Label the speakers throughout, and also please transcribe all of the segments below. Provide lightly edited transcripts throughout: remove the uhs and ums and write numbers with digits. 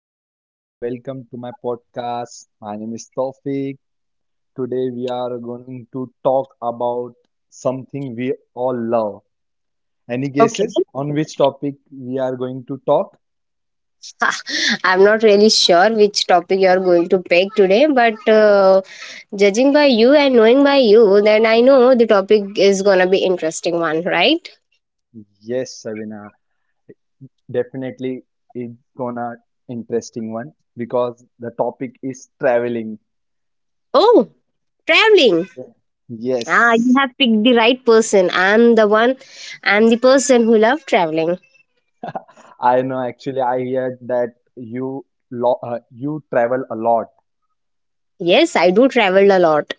Speaker 1: Shavina, welcome to my podcast. My name is Tawfiq. Today we are going to talk about something we all love. Any
Speaker 2: Okay,
Speaker 1: guesses on which topic we are going to talk?
Speaker 2: I'm not really sure which topic you're going to pick today, but judging by you and knowing by you, then I know the topic is gonna be interesting one, right?
Speaker 1: Yes, Shavina, definitely it's gonna interesting one because the topic is traveling.
Speaker 2: Oh, traveling. Ah, you
Speaker 1: Yes.
Speaker 2: have picked the right person. I'm the one. I'm the person who love traveling.
Speaker 1: I know actually I heard that you lo you travel a lot.
Speaker 2: Yes, I do travel a lot.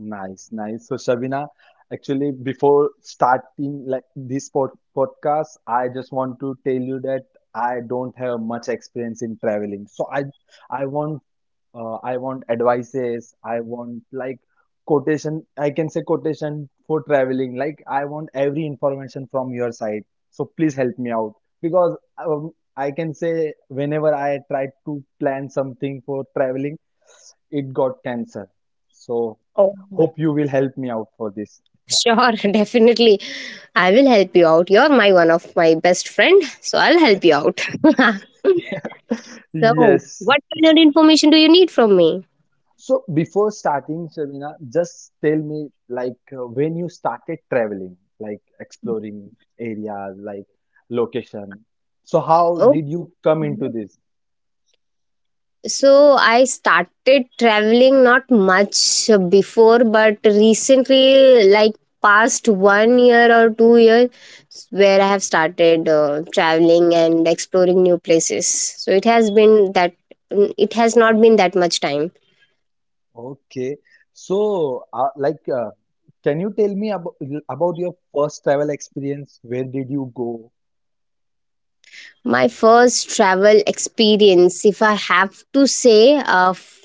Speaker 1: Nice, nice. So, Shabina, actually, before starting like this podcast, I just want to tell you that I don't have much experience in traveling. So, I want I want advices, I want like quotation, I can say quotation for traveling, like I want every information from your side. So please help me out because I can say whenever I tried to plan something for traveling, it got cancelled. So
Speaker 2: Oh,
Speaker 1: hope you will help me out for this.
Speaker 2: sure, definitely. I will help you out. You're my one of my best friend, so I'll help you out. So,
Speaker 1: Yes,
Speaker 2: what kind of information do you need from me?
Speaker 1: so before starting, Shabina, just tell me like when you started traveling, like exploring areas, like location. So how
Speaker 2: Okay.
Speaker 1: did you come into this?
Speaker 2: So I started traveling not much before, but recently, like past one year or 2 years, where I have started traveling and exploring new places. So it has been that it has not been that much time.
Speaker 1: Okay. So like can you tell me about your first travel experience? Where did you go?
Speaker 2: My first travel experience, if I have to say,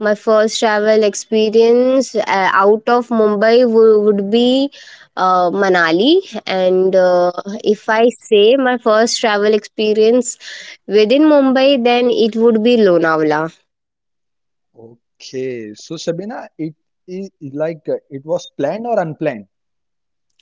Speaker 2: my first travel experience out of Mumbai would be Manali. And if I say my first travel experience within Mumbai, then it would be Lonavala.
Speaker 1: Okay. So Shabina, it is like it was planned or unplanned?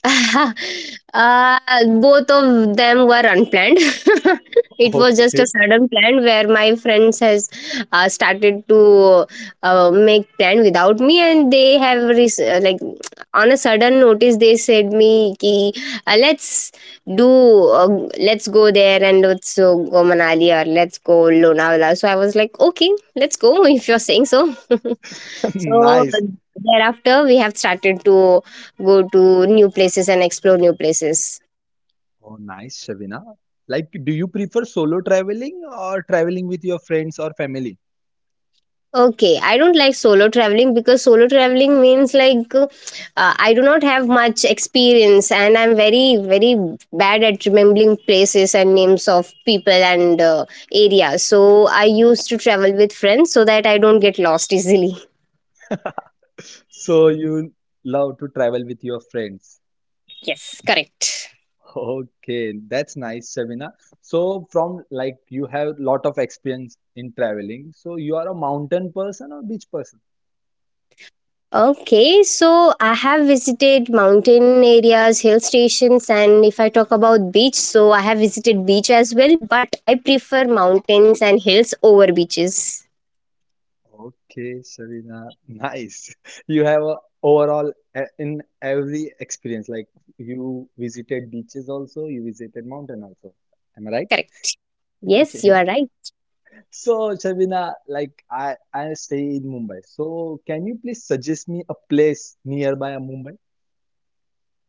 Speaker 2: uh, both of them were unplanned. It was just a
Speaker 1: Okay.
Speaker 2: sudden plan where my friends has started to make plan without me, and they have like on a sudden notice they said me ki let's do, uh, let's go there and let's go Manali or let's go Lonavala. So I was like, okay, let's go if you're saying so. So
Speaker 1: Nice.
Speaker 2: thereafter, we have started to go to new places and explore new places.
Speaker 1: Oh, nice, Shavina. Like, do you prefer solo traveling or traveling with your friends or family?
Speaker 2: Okay, I don't like solo traveling because solo traveling means like I do not have much experience and I'm very, very bad at remembering places and names of people and areas. So I used to travel with friends so that I don't get lost easily.
Speaker 1: So you love to travel with your friends.
Speaker 2: Yes, correct.
Speaker 1: Okay, that's nice, Shavina. So from like you have lot of experience in traveling. So you are a mountain person or beach person?
Speaker 2: Okay, so I have visited mountain areas, hill stations, and if I talk about beach, so I have visited beach as well, but I prefer mountains and hills over beaches.
Speaker 1: Okay, Shavina, nice. You have a overall in every experience. Like you visited beaches also, you visited mountain also. Am I right?
Speaker 2: Correct. Yes, you
Speaker 1: Yeah.
Speaker 2: are right.
Speaker 1: So, Shabina, like I stay in Mumbai. So, can you please suggest me a place nearby Mumbai?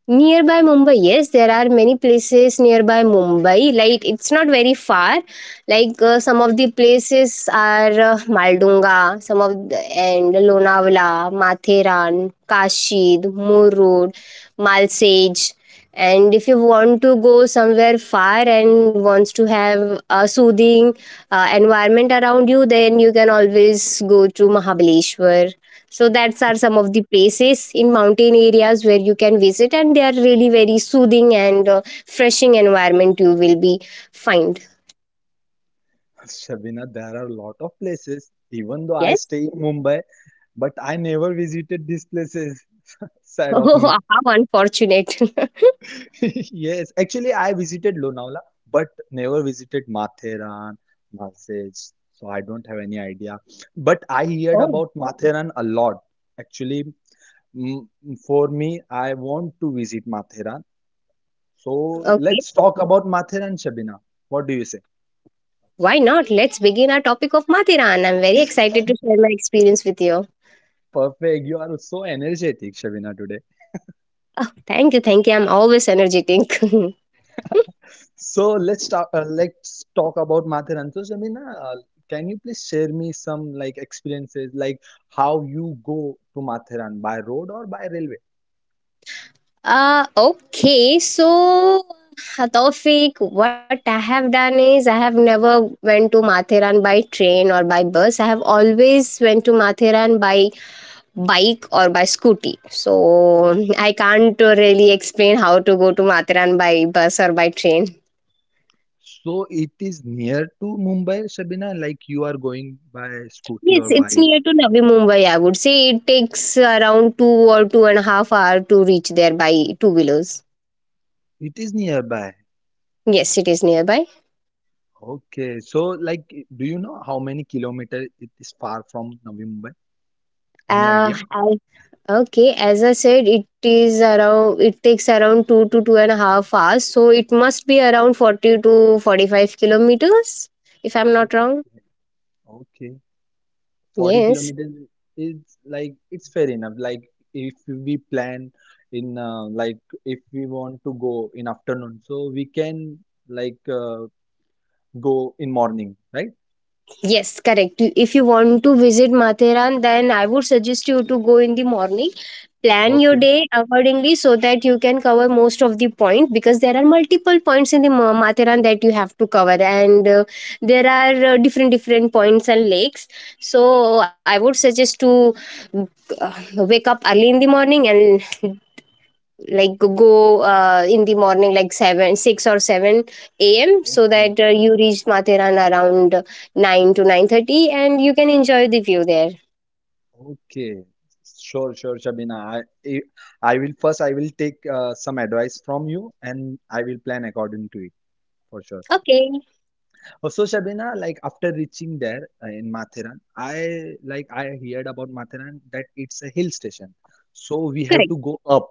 Speaker 2: Nearby Mumbai, yes, there are many places nearby Mumbai. Like it's not very far. Like some of the places are Maldunga, some of the, and Lonavala, Matheran, Kashid, Murud, Malsej. And if you want to go somewhere far and wants to have a soothing environment around you, then you can always go to Mahabaleshwar, so that's are some of the places in mountain areas where you can visit and they are really very soothing and freshing environment you will be find.
Speaker 1: Shabina, there are a lot of places. Even though I
Speaker 2: Yes.
Speaker 1: stay in Mumbai, but I never visited these places. Sad of
Speaker 2: Oh,
Speaker 1: me.
Speaker 2: how unfortunate.
Speaker 1: Yes, actually, I visited Lonavala, but never visited Matheran, Masej. So I don't have any idea. But I heard
Speaker 2: Oh,
Speaker 1: about Matheran a lot. Actually, mm, for me, I want to visit Matheran. So
Speaker 2: okay.
Speaker 1: let's talk about Mathur and Shabina. What do you say?
Speaker 2: Why not, let's begin our topic of Mathiran. I'm very excited to share my experience with you.
Speaker 1: Perfect. You are so energetic, Shabina, today.
Speaker 2: Oh, thank you, thank you. I'm always energetic.
Speaker 1: So let's talk. Let's talk about Mathur. So, Shabina, can you please share me some like experiences, like how you go to Mathiran by road or by railway?
Speaker 2: Okay, so Taufik, what I have done is I have never went to Mathiran by train or by bus. I have always went to Mathiran by bike or by scooty. So I can't really explain how to go to Mathiran by bus or by train.
Speaker 1: So it is near to Mumbai, Shabina. Like you are going by scooty
Speaker 2: Yes,
Speaker 1: or
Speaker 2: it's
Speaker 1: bike.
Speaker 2: near to Navi Mumbai. I would say it takes around two or two and a half hour to reach there by two wheelers.
Speaker 1: It is nearby.
Speaker 2: Yes, it is nearby.
Speaker 1: Okay. So like, do you know how many kilometers it is far from Navi Mumbai? Any idea?
Speaker 2: I Okay, as I said, it is around. It takes around two to two and a half hours, so it must be around 40 to 45 kilometers, if I'm not wrong.
Speaker 1: Okay, 40
Speaker 2: Yes.
Speaker 1: kilometers is like it's fair enough. Like if we plan in like if we want to go in afternoon, so we can like go in morning, right?
Speaker 2: Yes, correct. If you want to visit Matheran, then I would suggest you to go in the morning. Plan your
Speaker 1: Okay,
Speaker 2: day accordingly so that you can cover most of the point because there are multiple points in the Matheran that you have to cover, and there are different different points and lakes. So I would suggest to wake up early in the morning and like go, in the morning like 7 6 or 7 a.m., so
Speaker 1: okay,
Speaker 2: that you reach Matheran around 9 to 9:30 and you can enjoy the view there.
Speaker 1: okay. Sure, sure, Shabina. I will take some advice from you and I will plan according to it for sure.
Speaker 2: Okay.
Speaker 1: So Shabina, like after reaching there in Matheran, I heard about Matheran that it's a hill station. So we have
Speaker 2: Correct.
Speaker 1: to go up.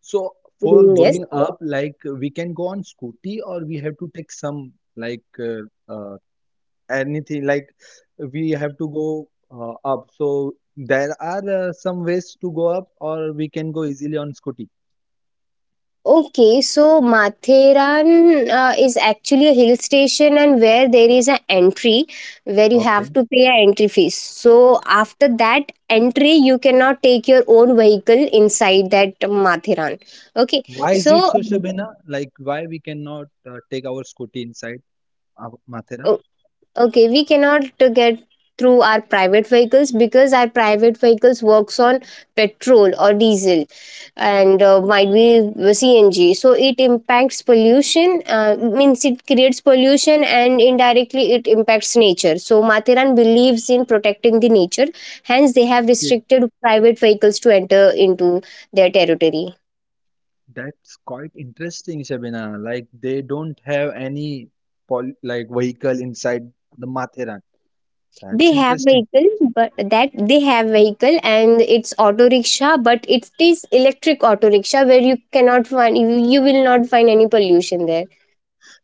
Speaker 1: So for
Speaker 2: Mm, yes.
Speaker 1: going up, like we can go on scooty or we have to take some like anything like we have to go up. So there are some ways to go up or we can go easily on scooty.
Speaker 2: Okay, so Matheran is actually a hill station, and where there is an entry where you
Speaker 1: Okay.
Speaker 2: have to pay an entry fee. So after that entry you cannot take your own vehicle inside that Matheran. Okay,
Speaker 1: Why is
Speaker 2: so
Speaker 1: it so, Shabina? Like why we cannot take our scooty inside Mathera?
Speaker 2: uh, okay, we cannot to get through our private vehicles because our private vehicles works on petrol or diesel and might be CNG, so it impacts pollution, means it creates pollution and indirectly it impacts nature. So Mathiran believes in protecting the nature, hence they have restricted private vehicles to enter into their territory.
Speaker 1: That's quite interesting, Shabina. Like they don't have any pol like vehicle inside the Mathera. That's
Speaker 2: They have
Speaker 1: interesting.
Speaker 2: vehicle, but that they have vehicle and it's auto rickshaw, but it is electric auto rickshaw where you cannot find, you will not find any pollution there.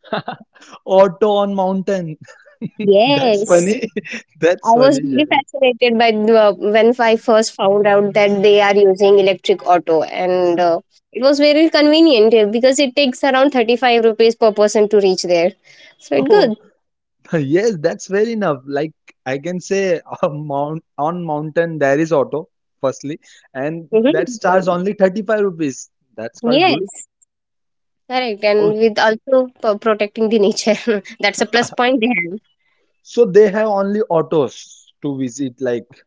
Speaker 1: Auto on mountain. That's
Speaker 2: Yes.
Speaker 1: funny. That's
Speaker 2: I was
Speaker 1: funny,
Speaker 2: really
Speaker 1: Shabina.
Speaker 2: fascinated by the, when I first found out that they are using electric auto, and it was very convenient because it takes around 35 rupees per person to reach there, so it
Speaker 1: Oh,
Speaker 2: good.
Speaker 1: yes, that's fair enough. Like I can say on mountain there is auto, firstly, and that
Speaker 2: Hmm.
Speaker 1: starts only 35 rupees. That's quite good.
Speaker 2: Yes, correct. And with also protecting the nature, that's a plus point they have.
Speaker 1: So they have only autos to visit, like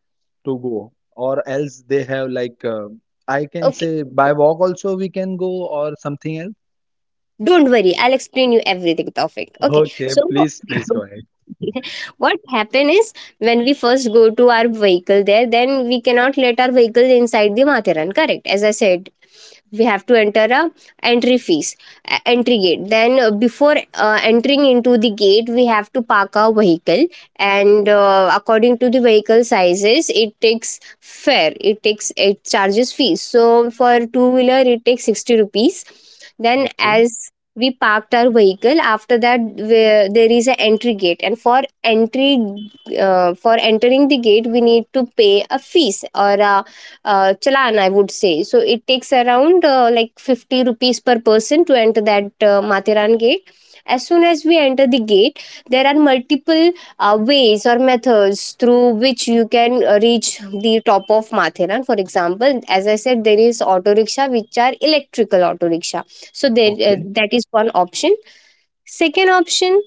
Speaker 1: to go, or else they have like I can
Speaker 2: Okay.
Speaker 1: say by walk also we can go or something else.
Speaker 2: Don't worry, I'll explain you everything, Taufik. Okay,
Speaker 1: Okay,
Speaker 2: so
Speaker 1: please, please go ahead.
Speaker 2: what happen is, when we first go to our vehicle there, then we cannot let our vehicle inside the Matharan. Correct, as I said, we have to enter a entry fees, entry gate. Then before entering into the gate, we have to park our vehicle, and according to the vehicle sizes, it takes fare. It takes, it charges fees. So for two wheeler, it takes 60 rupees. Then
Speaker 1: Okay,
Speaker 2: as we parked our vehicle, after that, where there is an entry gate and for entry, for entering the gate, we need to pay a fees or a, challan, I would say. So it takes around, like, 50 rupees per person to enter that Mathiran gate. As soon as we enter the gate, there are multiple ways or methods through which you can reach the top of Mathiran. For example, as I said, there is auto rickshaw which are electrical auto rickshaw, so there,
Speaker 1: okay.
Speaker 2: that is one option. Second option,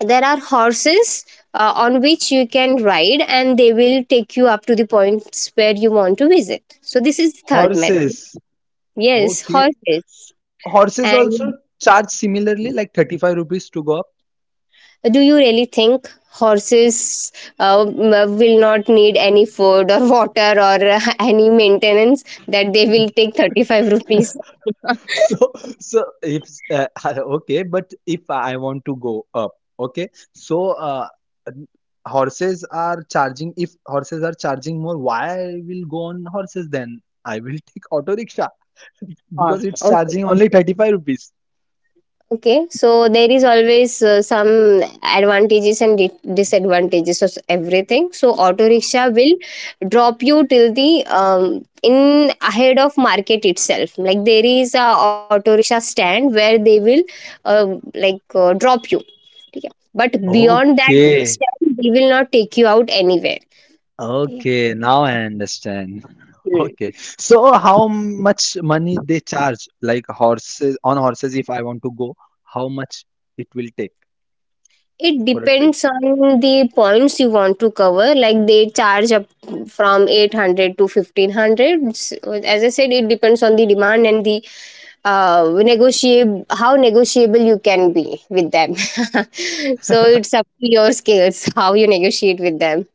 Speaker 2: there are horses on which you can ride and they will take you up to the points where you want to visit, so this is the third method.
Speaker 1: Horses.
Speaker 2: Yes,
Speaker 1: Okay.
Speaker 2: horses.
Speaker 1: S- Horses also
Speaker 2: And
Speaker 1: charge similarly, like 35 rupees to go.
Speaker 2: do you really think horses will not need any food or water or any maintenance, that they will take 35 rupees
Speaker 1: So, so if okay, but if I want to go up, okay, so horses are charging. If horses are charging more, why I will go on horses then? I will take auto rickshaw
Speaker 2: off?
Speaker 1: because it's
Speaker 2: Okay.
Speaker 1: charging only 35 rupees.
Speaker 2: Okay, so there is always some advantages and disadvantages of everything. So auto rickshaw will drop you till the, in ahead of market itself. Like there is a auto rickshaw stand where they will, uh, like, drop you. ठीक. But beyond that
Speaker 1: Okay,
Speaker 2: stand, they will not take you out anywhere. ठीक.
Speaker 1: okay, now I understand. Okay, so how much money they charge like horses on horses if I want to go, how much it will take
Speaker 2: It
Speaker 1: for a trip?
Speaker 2: depends on the points you want to cover. Like they charge up from 800 to 1500. As I said, it depends on the demand and the, negotiable, how negotiable you can be with them. So it's up to your skills, how you negotiate with them.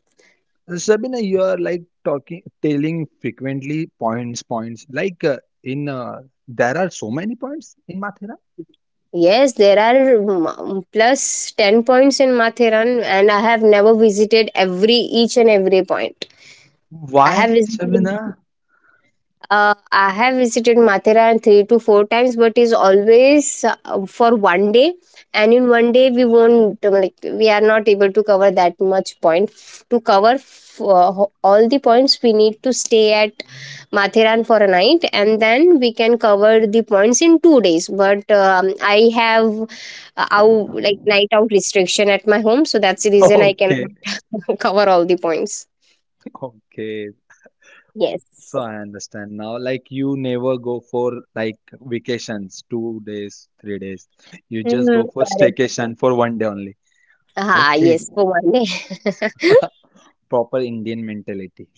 Speaker 1: Sabina, you are like talking, telling frequently points, points. Like in, uh, there are so many points in Mathura.
Speaker 2: Yes, there are, plus 10 points in Mathiran, and I have never visited every each and every point. I
Speaker 1: Why,
Speaker 2: have visited
Speaker 1: Sabina?
Speaker 2: I have visited Mathera 3 to 4 times, but is always for one day. And in one day, we won't, like, we are not able to cover that much point. To cover all the points, we need to stay at Matheran for a night, and then we can cover the points in 2 days. But I have, out like night out restriction at my home, so that's the reason I can
Speaker 1: Okay,
Speaker 2: cover all the points.
Speaker 1: okay.
Speaker 2: Yes.
Speaker 1: So I understand now. Like you never go for like vacations, 2 days, 3 days. You just go
Speaker 2: Mm,
Speaker 1: for
Speaker 2: correct.
Speaker 1: staycation for one day only.
Speaker 2: Ah,
Speaker 1: Okay,
Speaker 2: yes, for one day.
Speaker 1: proper Indian mentality.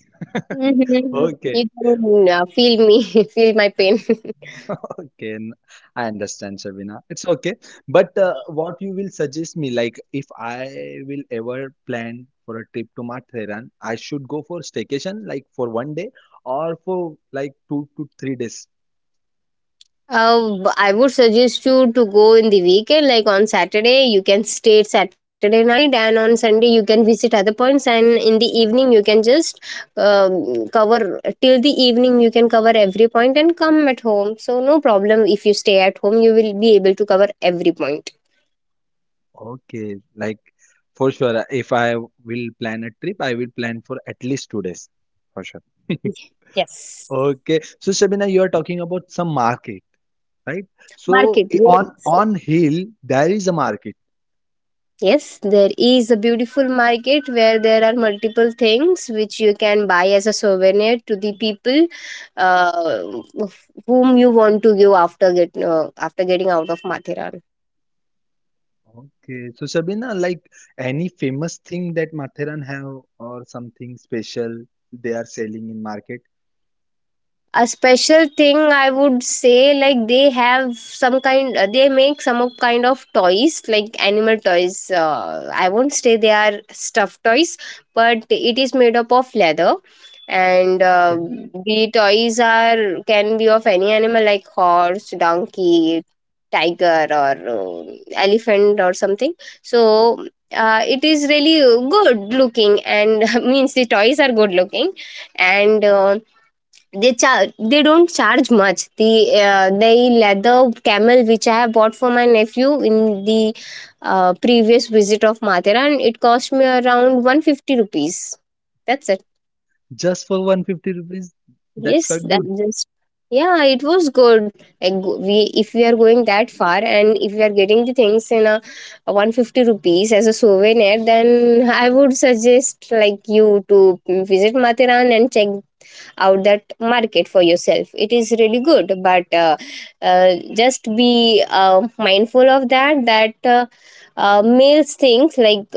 Speaker 2: Mhm. You
Speaker 1: Okay.
Speaker 2: can, feel me, feel my pain.
Speaker 1: Okay. I understand, Shabina. It's okay. But what you will suggest me, like if I will ever plan for a trip to Matheran, I should go for staycation, like for one day or for like 2 to 3 days.
Speaker 2: I would suggest you to go in the weekend, like on Saturday, you can stay Saturday night, and on Sunday, you can visit other points. And in the evening, you can just, cover till the evening, you can cover every point and come at home. So, no problem if you stay at home, you will be able to cover every point.
Speaker 1: Okay, like for sure. If I will plan a trip, I will plan for at least 2 days, for sure.
Speaker 2: Yes,
Speaker 1: Okay, so Shabina, you are talking about some market, right? So
Speaker 2: market.
Speaker 1: i-
Speaker 2: Yeah.
Speaker 1: on on hill there is a market.
Speaker 2: Yes, there is a beautiful market where there are multiple things which you can buy as a souvenir to the people uh, whom you want to give after getting out of Mathiran.
Speaker 1: Okay, so Shabina, like any famous thing that Matheran have or something special they are selling in market?
Speaker 2: A special thing I would say, like, they have some kind they make some of kind of toys like animal toys, I won't say they are stuffed toys, but it is made up of leather. And
Speaker 1: Okay,
Speaker 2: The toys are can be of any animal like horse, donkey, tiger, or elephant or something. So it is really good looking and means the toys are good looking. And They don't charge much. The the leather camel which I have bought for my nephew in the previous visit of Mathera, and it cost me around 150 rupees. That's it.
Speaker 1: just for 150 rupees, that's
Speaker 2: Yes,
Speaker 1: quite
Speaker 2: that
Speaker 1: good.
Speaker 2: just. Yeah, it was good. Like, we, if we are going that far, and if we are getting the things in a 150 rupees as a souvenir, then I would suggest like you to visit Matiran and check out that market for yourself. It is really good, but just be mindful of that, that males things like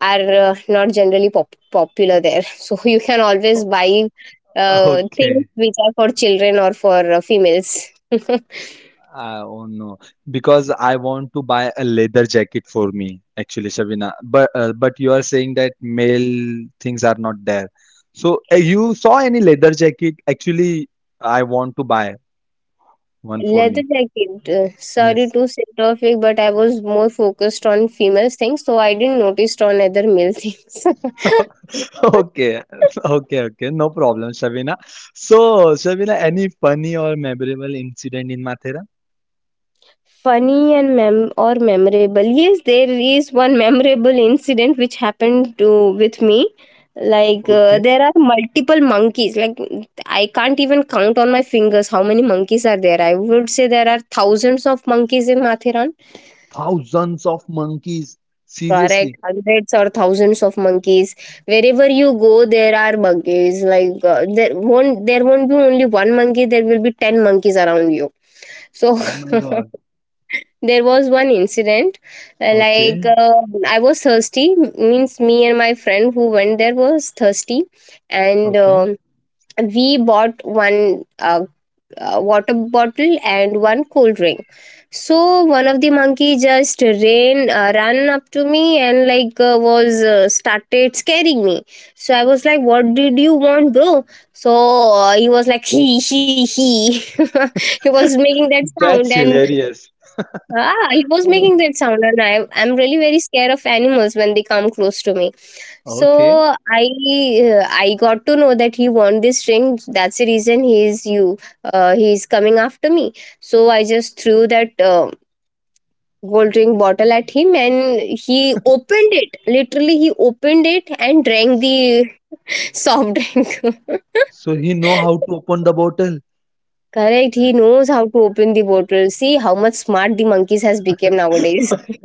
Speaker 2: are not generally popular there. So you can always buy things
Speaker 1: Okay.
Speaker 2: which are for children or for females.
Speaker 1: Oh no, because I want to buy a leather jacket for me, actually, Shabina. But you are saying that male things are not there. So you saw any leather jacket? Actually, I want to buy one for
Speaker 2: Leather
Speaker 1: me.
Speaker 2: jacket, sorry
Speaker 1: Yes.
Speaker 2: to say topic, but I was more focused on females things, so I didn't notice on other male things.
Speaker 1: Okay, okay, okay. No problem, Shabina. So, Shabina, any funny or memorable incident in Mathera?
Speaker 2: Funny and mem- or memorable, yes, there is one memorable incident which happened to with me. Like,
Speaker 1: Okay.
Speaker 2: there are multiple monkeys, like I can't even count on my fingers how many monkeys are there. I would say there are thousands of monkeys in Mathiran.
Speaker 1: Thousands of monkeys.
Speaker 2: Correct,
Speaker 1: Seriously.
Speaker 2: hundreds or thousands of monkeys. Wherever you go, there are monkeys. Like, there won't be only one monkey, there will be 10 monkeys around you. So
Speaker 1: Oh my God.
Speaker 2: there was one incident, uh, like
Speaker 1: Okay,
Speaker 2: uh, I was thirsty, means me and my friend who went there was thirsty. and
Speaker 1: okay.
Speaker 2: um we bought one water bottle and one cold drink. So one of the monkey just ran ran up to me, and like, was started scaring me. So I was like, what did you want, bro? So he was like, he he. He was making that
Speaker 1: That's
Speaker 2: sound. And
Speaker 1: hilarious.
Speaker 2: ah, it was making that sound, and I'm really very scared of animals when they come close to me.
Speaker 1: Okay.
Speaker 2: So I got to know that he won this ring. That's the reason he is you. He is coming after me. So I just threw that gold ring bottle at him, and he opened it. Literally, he opened it and drank the soft drink.
Speaker 1: So he know how to open the bottle.
Speaker 2: Correct. He knows how to open the bottle. See how much smart the monkeys has become nowadays.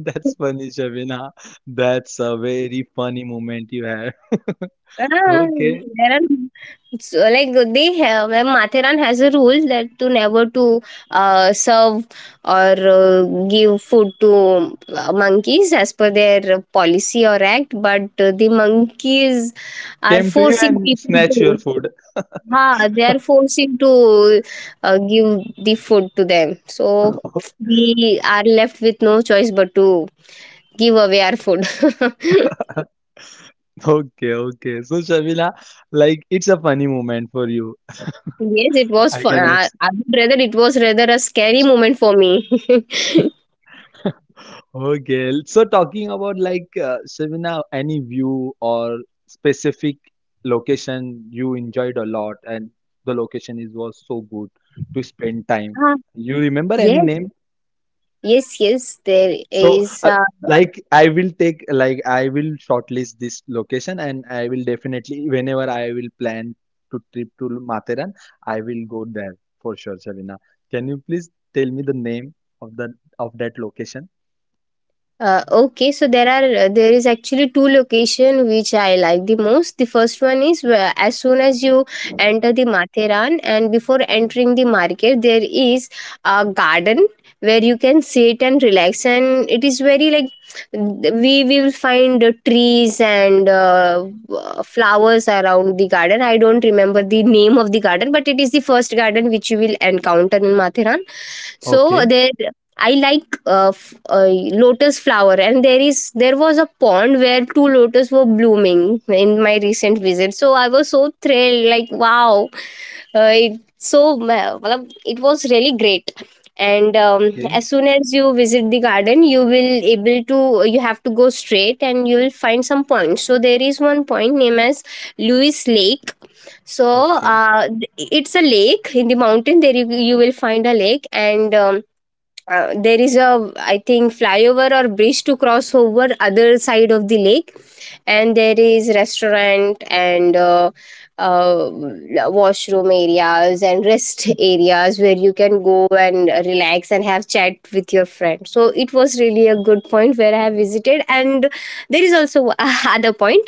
Speaker 1: That's funny, Shabina. That's a very funny moment you had.
Speaker 2: Ah,
Speaker 1: Okay.
Speaker 2: there are, so like they have, Mathiran has a rule that to never to serve or give food to monkeys as per their policy or act, but the monkeys are
Speaker 1: Came to you
Speaker 2: forcing
Speaker 1: and
Speaker 2: people
Speaker 1: snatch your
Speaker 2: to.
Speaker 1: food.
Speaker 2: Ha, they are forcing to give the food to them. So we are left with no choice but to give away our food.
Speaker 1: Okay, okay. So, Shabila, like it's a funny moment for you.
Speaker 2: Yes, it was
Speaker 1: I
Speaker 2: fun.
Speaker 1: can ask.
Speaker 2: I would rather, it was rather a scary moment for me.
Speaker 1: Okay. So, talking about like Shabila, any view or specific location you enjoyed a lot, and the location is was so good to spend time.
Speaker 2: Ah,
Speaker 1: You remember any
Speaker 2: yes.
Speaker 1: name?
Speaker 2: Yes. There
Speaker 1: So,
Speaker 2: is a.
Speaker 1: like, I will take, like, I will shortlist this location and I will definitely, whenever I will plan to trip to Matheran, I will go there for sure, Shavina. Can you please tell me the name of the of that location?
Speaker 2: Okay, so there is actually two location which I like the most. The first one is where as soon as you enter the Matheran and before entering the market, there is a garden where you can sit and relax, and it is very like we will find trees and flowers around the garden. I don't remember the name of the garden, but it is the first garden which you will encounter in Matheran. So
Speaker 1: Okay,
Speaker 2: there. I like uh, f- uh, lotus flower, and there was a pond where two lotus were blooming in my recent visit. So I was so thrilled, like, wow, it so matlab, it was really great. And
Speaker 1: okay,
Speaker 2: as soon as you visit the garden, you will able to, you have to go straight, and you will find some points. So there is one point named as Lewis Lake. So
Speaker 1: okay,
Speaker 2: it's a lake in the mountain. There you, you will find a lake. And There is a, I think, flyover or bridge to cross over other side of the lake, and there is restaurant and uh, washroom areas and rest areas where you can go and relax and have chat with your friend. So it was really a good point where I have visited. And there is also other point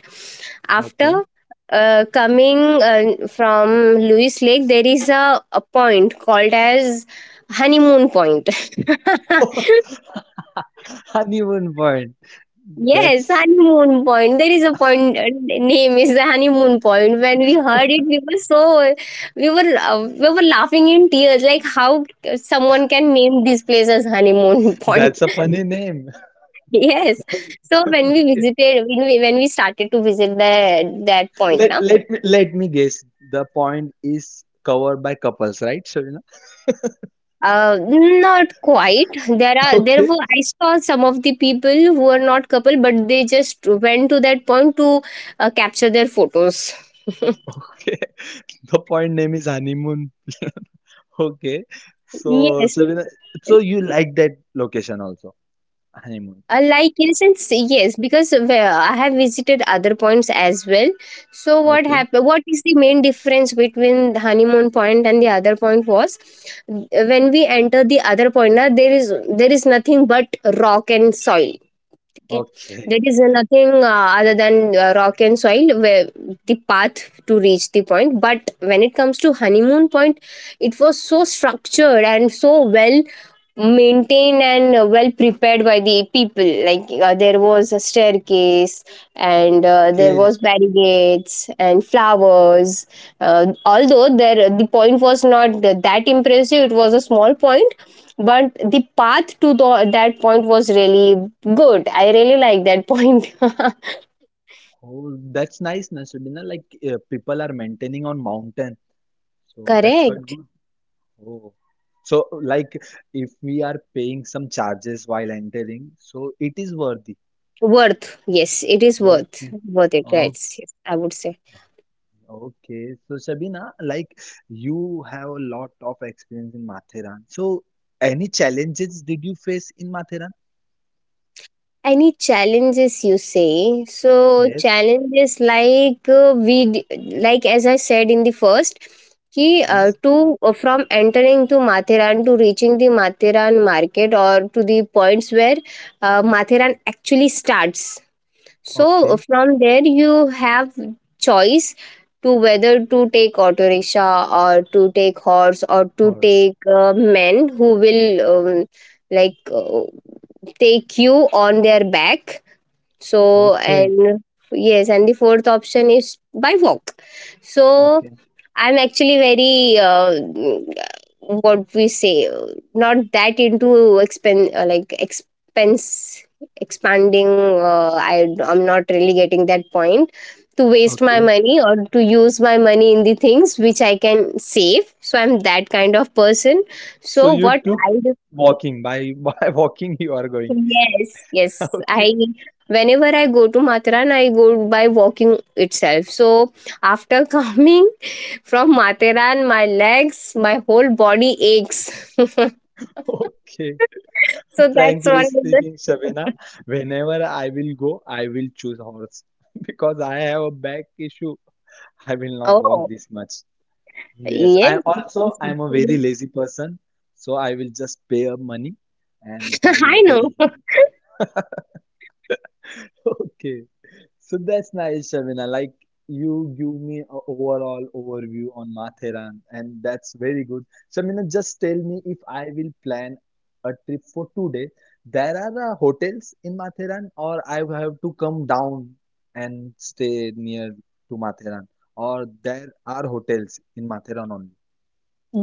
Speaker 1: okay.
Speaker 2: after coming from Lewis Lake. There is a point called as honeymoon point.
Speaker 1: Honeymoon point.
Speaker 2: Yes,
Speaker 1: That's
Speaker 2: honeymoon point. There is a point. Name is the honeymoon point. When we heard it, we were so, we were laughing in tears. Like, how someone can name this place as honeymoon point?
Speaker 1: that's a funny name.
Speaker 2: Yes. So when we
Speaker 1: Okay.
Speaker 2: visited, when we started to visit the that point,
Speaker 1: Let
Speaker 2: now
Speaker 1: let me let me guess. The point is covered by couples, right, Shavina?
Speaker 2: not quite. There
Speaker 1: Okay,
Speaker 2: were, I saw some of the people who were not couple, but they just went to that point to capture their photos.
Speaker 1: okay. The point name is honeymoon. Okay.
Speaker 2: Yes.
Speaker 1: So, so, we- so you like that location also, honeymoon.
Speaker 2: Like, in a sense, yes, because well, I have visited other points as well. So what
Speaker 1: Okay.
Speaker 2: happened? What is the main difference between the honeymoon point and the other point was when we enter the other point, na, there is nothing but rock and soil. Okay,
Speaker 1: Okay.
Speaker 2: there is nothing other than rock and soil where the path to reach the point. But when it comes to honeymoon point, it was so structured and so well maintained and well prepared by the people. Like, there was a staircase, and there
Speaker 1: Okay.
Speaker 2: was barricades and flowers. Although there the point was not that impressive, it was a small point, but the path to the, that point was really good. I really like that point.
Speaker 1: Oh, that's nice, na Sabina. Like people are maintaining on mountain, so that's quite
Speaker 2: Correct.
Speaker 1: good. Oh, so like if we are paying some charges while entering, so it is worthy.
Speaker 2: Worth, yes, it is
Speaker 1: Okay.
Speaker 2: worth it,
Speaker 1: Okay.
Speaker 2: right? Yes, I would say.
Speaker 1: Okay, so Shabina, like you have a lot of experience in Matheran. So, any challenges did you face in Matheran?
Speaker 2: Any challenges, you say? So
Speaker 1: Yes,
Speaker 2: challenges, like, like as I said in the first, ki
Speaker 1: yes.
Speaker 2: to from entering to Mathiran to reaching the Mathiran market or to the points where Matheran actually starts. So
Speaker 1: Okay,
Speaker 2: from there you have choice to whether to take auto rickshaw or to take horse or to
Speaker 1: horse.
Speaker 2: take men who will um, like uh, take you on their back. So,
Speaker 1: Okay,
Speaker 2: and yes, and the fourth option is by walk. So
Speaker 1: okay,
Speaker 2: I'm actually very, what we say, not that into expen like expense expanding. I'm not really getting that point to waste my
Speaker 1: okay.
Speaker 2: money or to use my money in the things which I can save. So I'm that kind of person.
Speaker 1: So
Speaker 2: So,
Speaker 1: you
Speaker 2: what
Speaker 1: took
Speaker 2: I
Speaker 1: walking by by walking you are going.
Speaker 2: Yes, yes.
Speaker 1: Okay,
Speaker 2: I Whenever I go to Matharan, I go by walking itself. So after coming from Matharan, my legs, my whole body aches. So
Speaker 1: okay.
Speaker 2: that's
Speaker 1: Frankly
Speaker 2: one of the.
Speaker 1: speaking, Shabina, whenever I will go, I will choose horse because I have a back issue. I will not walk
Speaker 2: Oh
Speaker 1: this much. Yes, I
Speaker 2: yes.
Speaker 1: also I'm a very lazy person, so I will just pay up money and I will
Speaker 2: I
Speaker 1: tell
Speaker 2: know.
Speaker 1: him. Okay, so that's nice, Shavina. Like you give me a overall overview on Matheran, and that's very good. Shavina, just tell me if I will plan a trip for 2 days. There are hotels in Matheran, or I have to come down and stay near to Matheran, or there are hotels in Matheran only.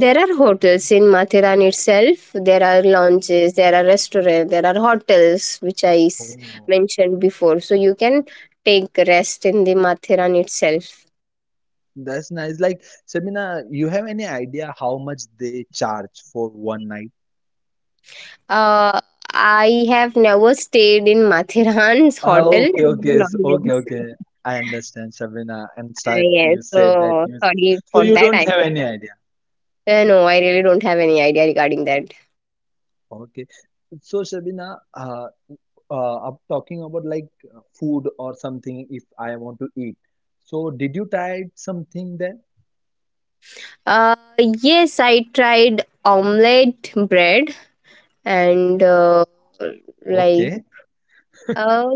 Speaker 2: There are hotels in Mathiran itself. There are lounges, there are restaurants, there are hotels, which
Speaker 1: Oh.
Speaker 2: mentioned before. So you can take rest in the Mathiran itself.
Speaker 1: That's nice. Like, Sabina, you have any idea how much they charge for one night?
Speaker 2: Uh, I have never stayed in Mathiran's
Speaker 1: Ah,
Speaker 2: hotel.
Speaker 1: okay, okay,
Speaker 2: Uh,
Speaker 1: okay, okay. I understand, Sabina. And start,
Speaker 2: yes,
Speaker 1: you
Speaker 2: so
Speaker 1: said that you,
Speaker 2: sorry
Speaker 1: so
Speaker 2: for
Speaker 1: you
Speaker 2: that.
Speaker 1: don't
Speaker 2: I
Speaker 1: have any idea.
Speaker 2: No, I really don't have any idea regarding that.
Speaker 1: Okay. So, Sabina, I'm talking about like food or something if I want to eat. So, did you try something there?
Speaker 2: Yes, I tried omelette bread and like
Speaker 1: Okay.
Speaker 2: uh,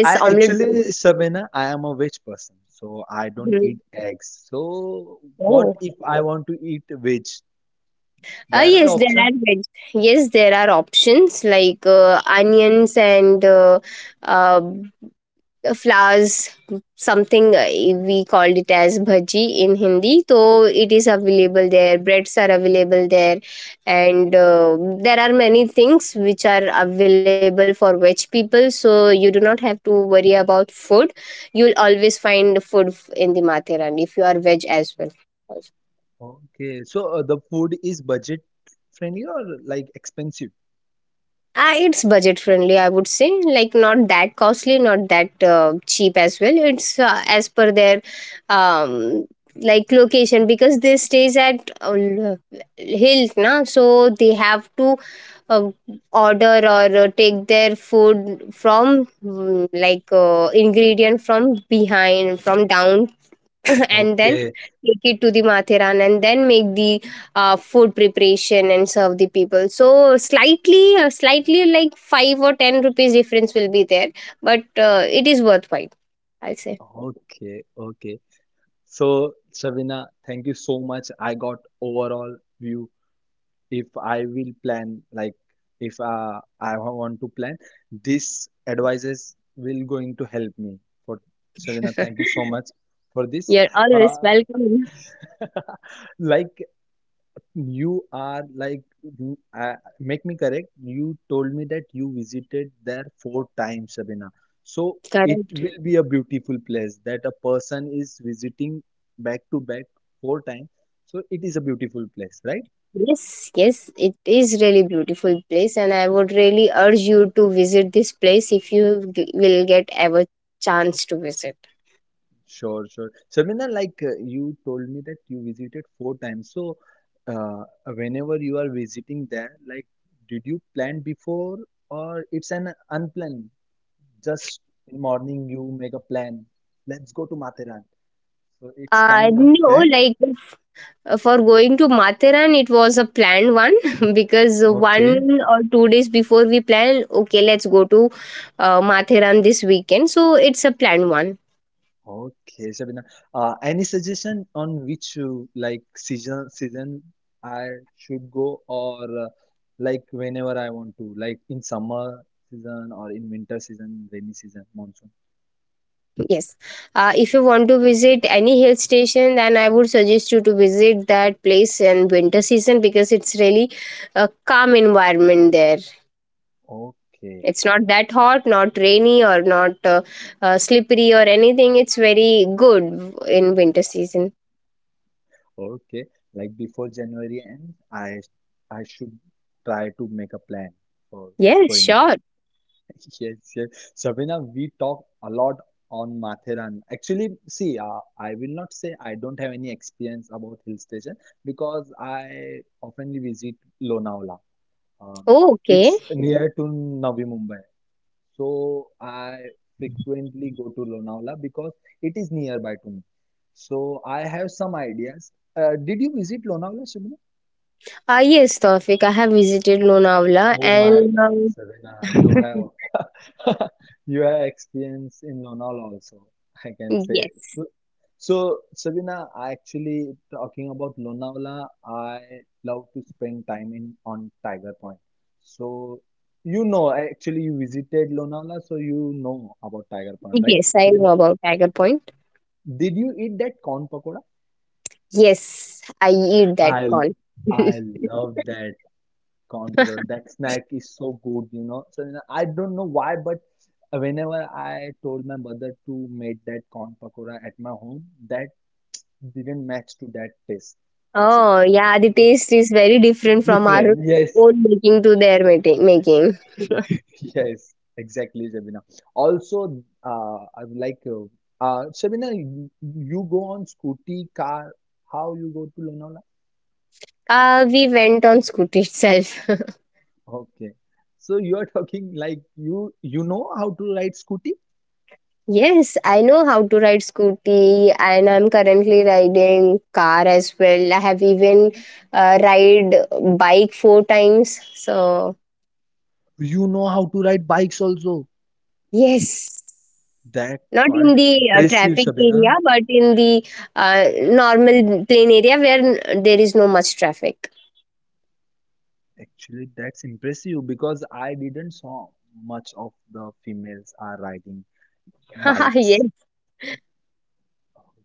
Speaker 1: I
Speaker 2: omelette bread.
Speaker 1: actually, Sabina, I am a veg person, so I don't eat
Speaker 2: Mhm.
Speaker 1: eggs. So, what
Speaker 2: Oh,
Speaker 1: if I want to eat veg? There are
Speaker 2: yes, there
Speaker 1: options.
Speaker 2: are veg. Yes, there are options like onions and uh, flowers, something we called it as bhaji in Hindi. So it is available there. Breads are available there, and there are many things which are available for veg people. So you do not have to worry about food. You will always find food in the Matheran if you are veg as well.
Speaker 1: Okay, so the food is budget friendly or like expensive?
Speaker 2: It's budget friendly, I would say. Like, not that costly, not that cheap as well. It's as per their um, like location, because they stays at hills, na. So they have to uh, order or take their food from, like, ingredient from behind, from down, and then
Speaker 1: Okay,
Speaker 2: take it to the Mathiran and then make the food preparation and serve the people. So slightly, slightly like five or ten rupees difference will be there, but it is worthwhile, I'll say.
Speaker 1: okay, okay. So, Sabina, thank you so much. I got overall view if I will plan, like if I want to plan, this advices will going to help me. For Savina, thank you so much for this.
Speaker 2: You're always
Speaker 1: Uh,
Speaker 2: welcome.
Speaker 1: like you are make me correct. You told me that you visited there four times, Sabina. So it
Speaker 2: Correct.
Speaker 1: will be a beautiful place that a person is visiting back to back four times. So it is a beautiful place, right?
Speaker 2: Yes, yes, it is really beautiful place, and I would really urge you to visit this place if you will get ever chance to visit.
Speaker 1: Sure, sure. Sharmina, you told me that you visited four times. So, whenever you are visiting there, did you plan before or it's an unplanned? Just in morning you make a plan. Let's go to Matheran. So it's kind of
Speaker 2: No,
Speaker 1: that.
Speaker 2: like For going to Matharan, it was a planned one because
Speaker 1: Okay.
Speaker 2: one or two days before we plan, okay, let's go to Matharan this weekend. So it's a planned one.
Speaker 1: Okay, Shabina. Any suggestion on which like season season I should go or like whenever I want to, like in summer season or in winter season, rainy season, monsoon.
Speaker 2: Yes. If you want to visit any hill station, then I would suggest you to visit that place in winter season because it's really a calm environment there.
Speaker 1: Okay,
Speaker 2: It's not that hot, not rainy, or not slippery or anything. It's very good in winter season.
Speaker 1: okay. Like before January ends, I should try to make a plan for
Speaker 2: Yes,
Speaker 1: going.
Speaker 2: sure.
Speaker 1: Yes, yes. Sabina, we talk a lot on Matheran. Actually, see, I will not say I don't have any experience about hill station because I oftenly visit Lonavala. Um,
Speaker 2: Oh, okay.
Speaker 1: it's near to Navi Mumbai. So I frequently go to Lonavala because it is nearby to me. So I have some ideas. Did you visit Lonavala, Sabina?
Speaker 2: Yes, Tawfiq, I have visited Lonavala
Speaker 1: Oh my
Speaker 2: and
Speaker 1: God, Sabina, you have you have experience in Lonavala also, I can say.
Speaker 2: yes,
Speaker 1: So, so Sabina, I actually talking about Lonavala, I love to spend time in on Tiger Point. So you know, actually you visited Lonavala, so you know about Tiger Point, right,
Speaker 2: yes, I
Speaker 1: Sabina?
Speaker 2: know about Tiger Point.
Speaker 1: Did you eat that corn pakoda?
Speaker 2: Yes, I eat that
Speaker 1: I
Speaker 2: corn.
Speaker 1: I love that corn pakora. That snack is so good, you know. So you know, I don't know why, but whenever I told my mother to make that corn pakora at my home, that didn't match to that taste actually.
Speaker 2: Oh, yeah, the taste is very different from our
Speaker 1: Yes,
Speaker 2: own making to their making.
Speaker 1: yes, exactly, Shabina. Also, Shabina, you go on scooty, car, how you go to Lonavala?
Speaker 2: We went on scooty itself.
Speaker 1: Okay. So you are talking like you know how to ride scooty?
Speaker 2: Yes, I know how to ride scooty, and I'm currently riding car as well. I have even ride bike four times. So
Speaker 1: You know how to ride bikes also.
Speaker 2: yes.
Speaker 1: That
Speaker 2: Not in
Speaker 1: quite
Speaker 2: the
Speaker 1: impressive,
Speaker 2: traffic area,
Speaker 1: Shabina.
Speaker 2: but in the normal plain area where there is no much traffic.
Speaker 1: Actually, that's impressive because I didn't saw much of the females are riding bikes.
Speaker 2: Yes.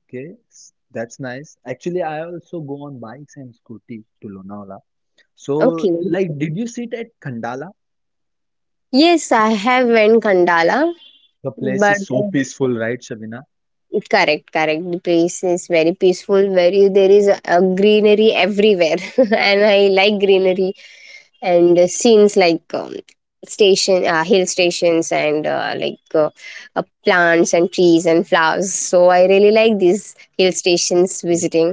Speaker 1: That's nice. Actually, I also go on bikes and scooty to Lonavala. So,
Speaker 2: Okay.
Speaker 1: like, did you sit at Khandala?
Speaker 2: Yes, I have went Kandala,
Speaker 1: The place
Speaker 2: but
Speaker 1: is so peaceful, right, Shabina?
Speaker 2: correct. The place is very peaceful. Very there is a greenery everywhere, and I like greenery. And scenes like station hill stations and plants and trees and flowers, so I really like these hill stations visiting.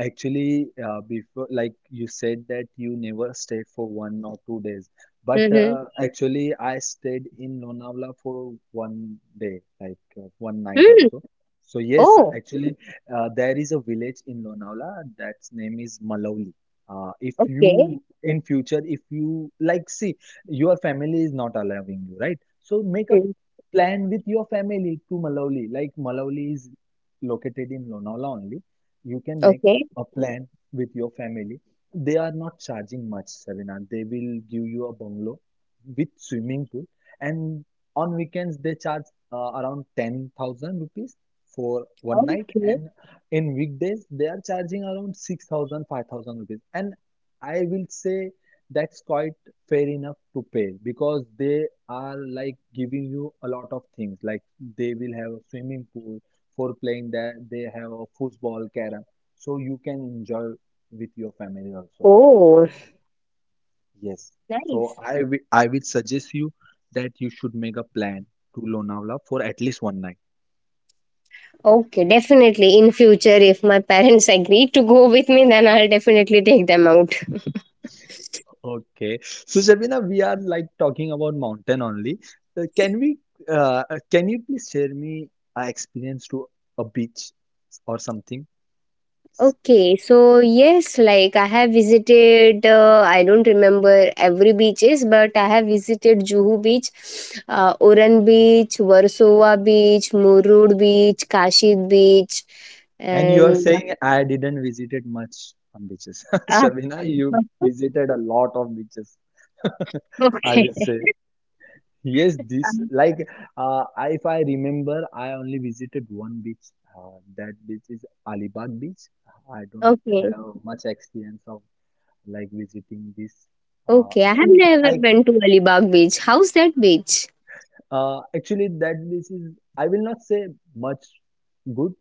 Speaker 1: Actually, before, like you said that you never stayed for 1 or 2 days, but
Speaker 2: Mm-hmm.
Speaker 1: actually, I stayed in Lonavala for 1 day, like one night
Speaker 2: Mm.
Speaker 1: also. So yes,
Speaker 2: Oh,
Speaker 1: actually, there is a village in Lonavala that's name is Malauli. If
Speaker 2: okay.
Speaker 1: you in future, if you like, see, your family is not allowing you, right? So make a
Speaker 2: Hmm.
Speaker 1: plan with your family to Malauli. Like Malauli is located in Lonavala only, you can make
Speaker 2: Okay.
Speaker 1: a plan with your family. They are not charging much, Savina. They will give you a bungalow with swimming pool, and on weekends they charge around 10,000 rupees for one night,
Speaker 2: Okay.
Speaker 1: and in weekdays they are charging around 6,000 5,000 rupees. And I will say that's quite fair enough to pay because they are like giving you a lot of things. Like they will have a swimming pool for playing there, they have a football, carom, so you can enjoy with your family also.
Speaker 2: Oh,
Speaker 1: Yes.
Speaker 2: nice.
Speaker 1: So I will suggest you that you should make a plan to Lonavala for at least one night.
Speaker 2: Okay, definitely in future if my parents agree to go with me, then I'll definitely take them out.
Speaker 1: Okay. So Shabina, we are like talking about mountain only. Uh, can we can you please share me a experience to a beach or something?
Speaker 2: Okay, so yes, like I have visited, I don't remember every beaches, but I have visited Juhu Beach, Oran Beach, Warsaw Beach, Murud Beach, Kashid Beach,
Speaker 1: And you are
Speaker 2: and
Speaker 1: saying I didn't visited much on beaches.
Speaker 2: ah,
Speaker 1: Shabina, you visited a lot of beaches, I
Speaker 2: okay.
Speaker 1: will say. Yes, this
Speaker 2: Um,
Speaker 1: like if I remember, I only visited one beach. That beach is Alibag Beach. I don't
Speaker 2: okay,
Speaker 1: have much experience of like visiting this. Uh,
Speaker 2: okay. I have
Speaker 1: and
Speaker 2: never
Speaker 1: I
Speaker 2: been to Alibag Beach. How's that beach?
Speaker 1: actually that beach is I will not say much good,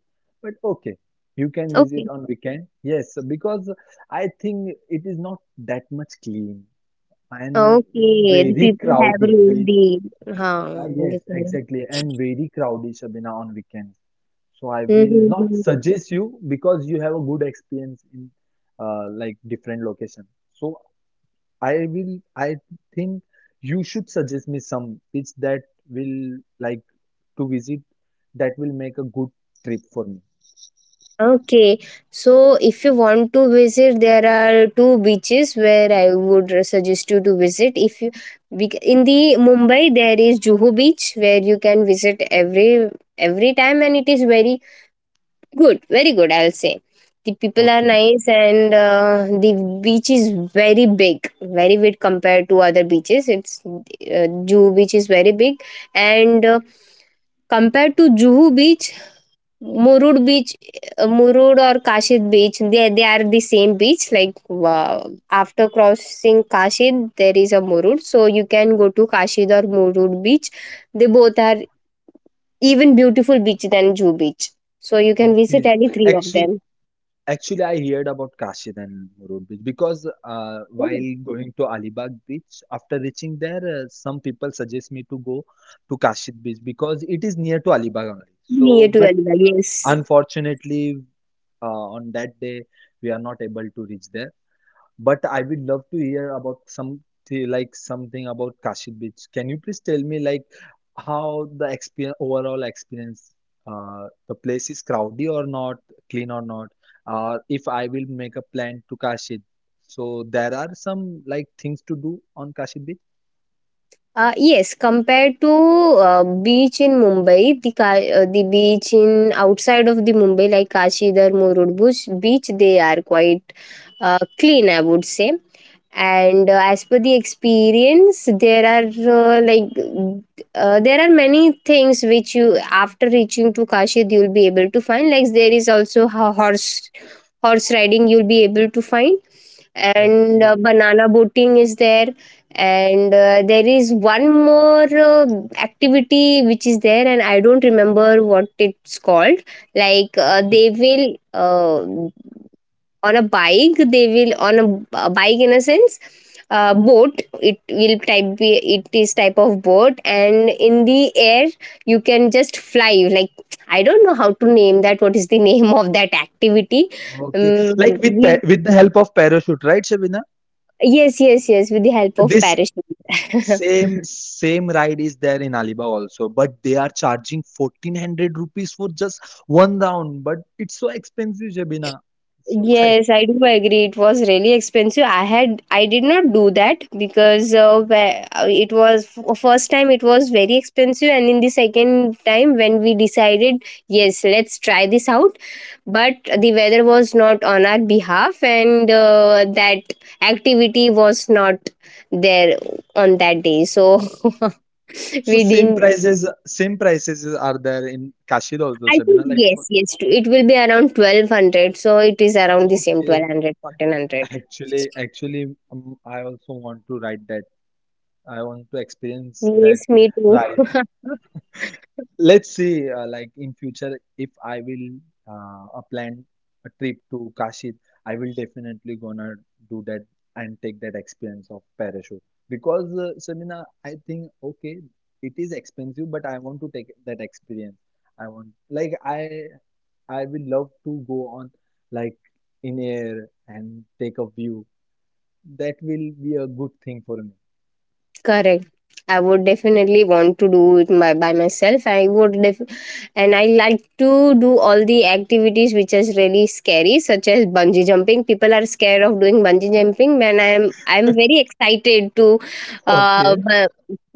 Speaker 1: but okay, you can visit
Speaker 2: Okay,
Speaker 1: on weekend. Yes, because I think it is not that much clean and
Speaker 2: okay. The
Speaker 1: very
Speaker 2: people have
Speaker 1: crowded. Very,
Speaker 2: really,
Speaker 1: Yes,
Speaker 2: huh?
Speaker 1: exactly, and very crowded, Shabina, on weekends. So I will not suggest you because you have a good experience in like different location. So I think you should suggest me some which that will like to visit, that will make a good trip for me.
Speaker 2: Okay, so if you want to visit, there are two beaches where I would suggest you to visit. If you in the Mumbai, there is Juhu Beach where you can visit every time, and it is very good, very good. I'll say the people are
Speaker 1: Okay,
Speaker 2: nice, and the beach is very big, very big compared to other beaches. It's Juhu Beach is very big, and compared to Juhu beach, Murud or Kashid beach, they are the same beach. Like after crossing Kashid, there is a Murud. So you can go to Kashid or Murud beach. They both are even beautiful beach than Jew beach. So you can visit
Speaker 1: okay.
Speaker 2: any three of
Speaker 1: Actually,
Speaker 2: them.
Speaker 1: actually, I heard about Kashidan Road Beach because
Speaker 2: Yeah.
Speaker 1: while going to Alibag Beach, after reaching there, some people suggest me to go to Kashid Beach because it is near to Alibag only.
Speaker 2: Near
Speaker 1: So,
Speaker 2: to
Speaker 1: but
Speaker 2: Alibag, yes.
Speaker 1: unfortunately, on that day, we are not able to reach there. But I would love to hear about some like something about Kashi Beach. Can you please tell me like how the experience, overall experience, the place is crowded or not, clean or not, or if I will make a plan to Kashi. So there are some like things to do on Kashi Beach.
Speaker 2: Yes, compared to beach in Mumbai, the the beach in outside of the Mumbai like Kashidhar, Murudbush beach, they are quite clean, I would say. And as per the experience, there are there are many things which you after reaching to Kashid you'll be able to find. Like there is also horse riding you'll be able to find, and
Speaker 1: Okay,
Speaker 2: banana boating is there, and there is one more activity which is there, and I don't remember what it's called. Like
Speaker 1: okay,
Speaker 2: they will on a bike they will on a bike in a sense, boat it will type be it is type of boat, and in the air you can just fly like I don't know how to name that, what is the name of that activity.
Speaker 1: okay. Like
Speaker 2: um, we
Speaker 1: with the help of parachute, right, Shabina?
Speaker 2: yes, yes, yes, with the help of
Speaker 1: This
Speaker 2: parachute.
Speaker 1: Same same ride is there in Alibaug also, but they are charging 1400 rupees for just one round. But it's so expensive, Shabina. So, I,
Speaker 2: Yes, I do agree. It was really expensive. I had I did not do that because it was first time it was very expensive, and in the second time when we decided yes, let's try this out, but the weather was not on our behalf, and that activity was not there on that day. So
Speaker 1: so
Speaker 2: we didn't
Speaker 1: same prices are there in Kashid also,
Speaker 2: I think
Speaker 1: Shabina. Like for
Speaker 2: yes, yes, too. It will be around 1200. So it is around the same
Speaker 1: okay,
Speaker 2: 1200, 1400.
Speaker 1: actually I also want to ride that. I want to experience that
Speaker 2: Yes, me too.
Speaker 1: ride. Let's see, like in future, if I will plan a trip to Kashi, I will definitely gonna do that and take that experience of parachute. Because Shamina, I think okay, it is expensive, but I want to take that experience. I want like I will love to go on like in air and take a view. That will be a good thing for me.
Speaker 2: Correct. I would definitely want to do it by myself. I would and I like to do all the activities which is really scary, such as bungee jumping. People are scared of doing bungee jumping, and I'm very excited to uh,
Speaker 1: Okay.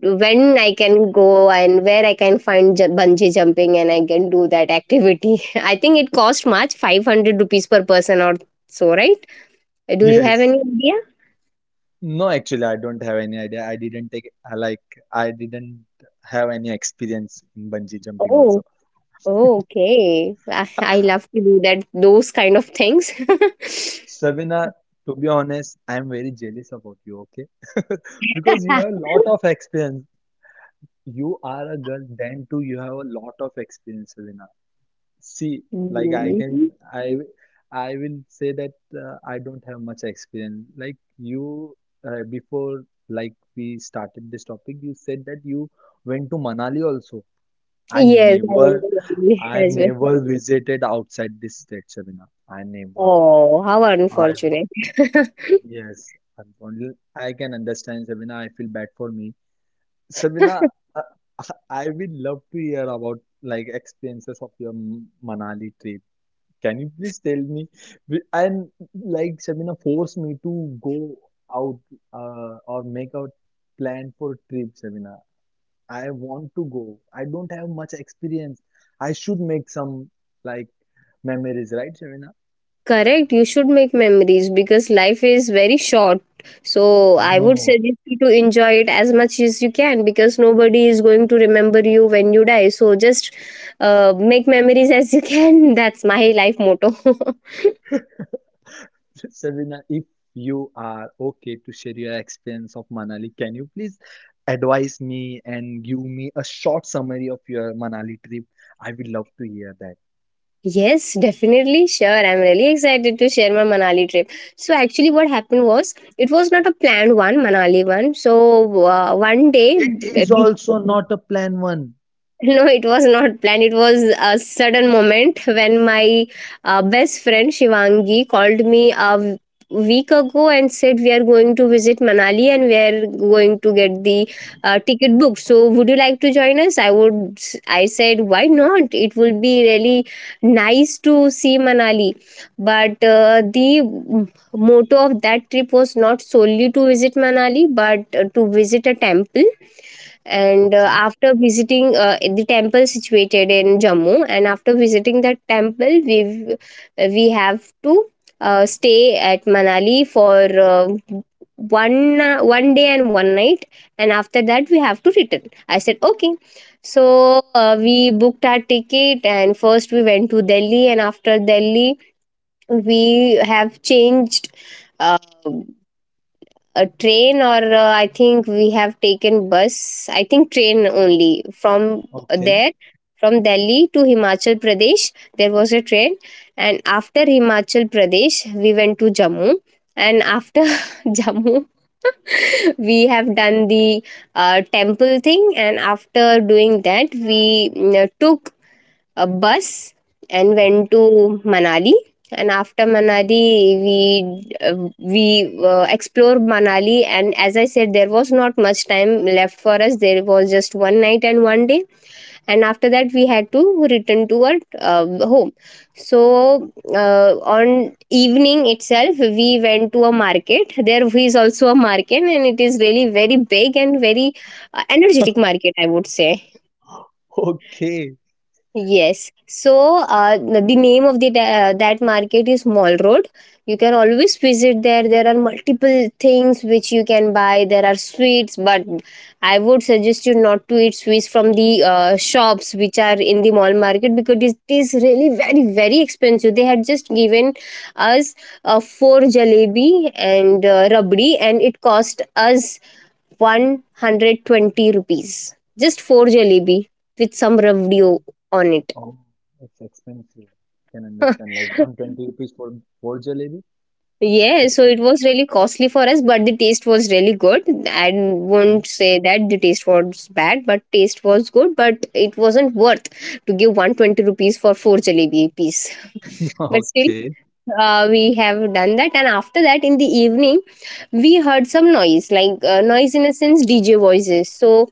Speaker 2: when I can go and where I can find bungee jumping and I can do that activity. I think it cost much 500 rupees per person or so, right? Do you have
Speaker 1: Yes.
Speaker 2: any idea?
Speaker 1: No, actually, I don't have any idea. I didn't take I like I didn't have any experience in bungee jumping
Speaker 2: Oh,
Speaker 1: also.
Speaker 2: oh, okay. I love to do that, those kind of things.
Speaker 1: Savina, to be honest, I am very jealous about you, okay? Because you have a lot of experience. You are a girl, then too you have a lot of experience, Savina. See, like I can
Speaker 2: Mhm.
Speaker 1: I I will say that I don't have much experience. Like you before like we started this topic, you said that you went to Manali also. I
Speaker 2: Yes, I went
Speaker 1: never,
Speaker 2: to Bali
Speaker 1: I
Speaker 2: as well.
Speaker 1: never visited outside this state, Sabina. I never.
Speaker 2: Oh, how
Speaker 1: I
Speaker 2: unfortunate.
Speaker 1: yes, I'm only- I can understand, Sabina. I feel bad for me, Sabina. Uh, I would love to hear about like experiences of your Manali trip. Can you please tell me? And like Sabina, force me to go out or make a plan for trip, Sabina. I want to go. I don't have much experience. I should make some like memories, right, Shavina?
Speaker 2: Correct, you should make memories because life is very short. So
Speaker 1: I
Speaker 2: I would
Speaker 1: know.
Speaker 2: suggest you to enjoy it as much as you can because nobody is going to remember you when you die. So just make memories as you can. That's my life motto.
Speaker 1: Shavina, if you are okay to share your experience of Manali, can you please advise me and give me a short summary of your Manali trip? I would love to hear that.
Speaker 2: Yes, definitely. Sure. I'm really excited to share my Manali trip. So, actually, what happened was it was not a planned one, Manali one. So, one day
Speaker 1: It is also not a plan one.
Speaker 2: no, it was not planned. It was a sudden moment when my best friend Shivangi called me week ago and said we are going to visit Manali and we are going to get the ticket booked. So would you like to join us? I would. I said why not? It will be really nice to see Manali. But the motto of that trip was not solely to visit Manali, but to visit a temple, and
Speaker 1: Okay.
Speaker 2: after visiting the temple situated in Jammu, and after visiting that temple we have to stay at Manali for uh, one one day and one night, and after that we have to return. I said okay. So we booked our ticket, and first we went to Delhi, and after Delhi we have changed uh, a train, or I think we have taken bus, I think train only from
Speaker 1: Okay.
Speaker 2: there, from Delhi to Himachal Pradesh there was a train, and after Himachal Pradesh we went to Jammu, and after Jammu we have done the temple thing, and after doing that we took a bus and went
Speaker 1: Okay.
Speaker 2: to Manali. And after Manali, we explore Manali. And as I said, there was not much time left for us. There was just one night and one day. And after that, we had to return to our home. So on evening itself, we went to a market. There is also a market, and it is really very big and very energetic market, I would say.
Speaker 1: Okay.
Speaker 2: Yes. So the name of the that market is Mall Road. You can always visit there. There are multiple things which you can buy. There are sweets, but I would suggest you not to eat sweets from the shops which are in the mall market because it is really very very expensive. They had just given us four jalebi and rabdi, and it cost us 120 rupees. Just four jalebi with some rabdi on it.
Speaker 1: Oh, it's expensive. Can understand like 120 rupees for four jalebi? It's
Speaker 2: Yeah, so it
Speaker 1: expensive.
Speaker 2: was really costly for us, but the taste was really good. I won't say that the taste was bad, but taste was good, but it wasn't worth to give 120 rupees for four jalebi piece. But still,
Speaker 1: Okay,
Speaker 2: we have done that. And after that, in the evening, we heard some noise, like noise in a sense, DJ voices. So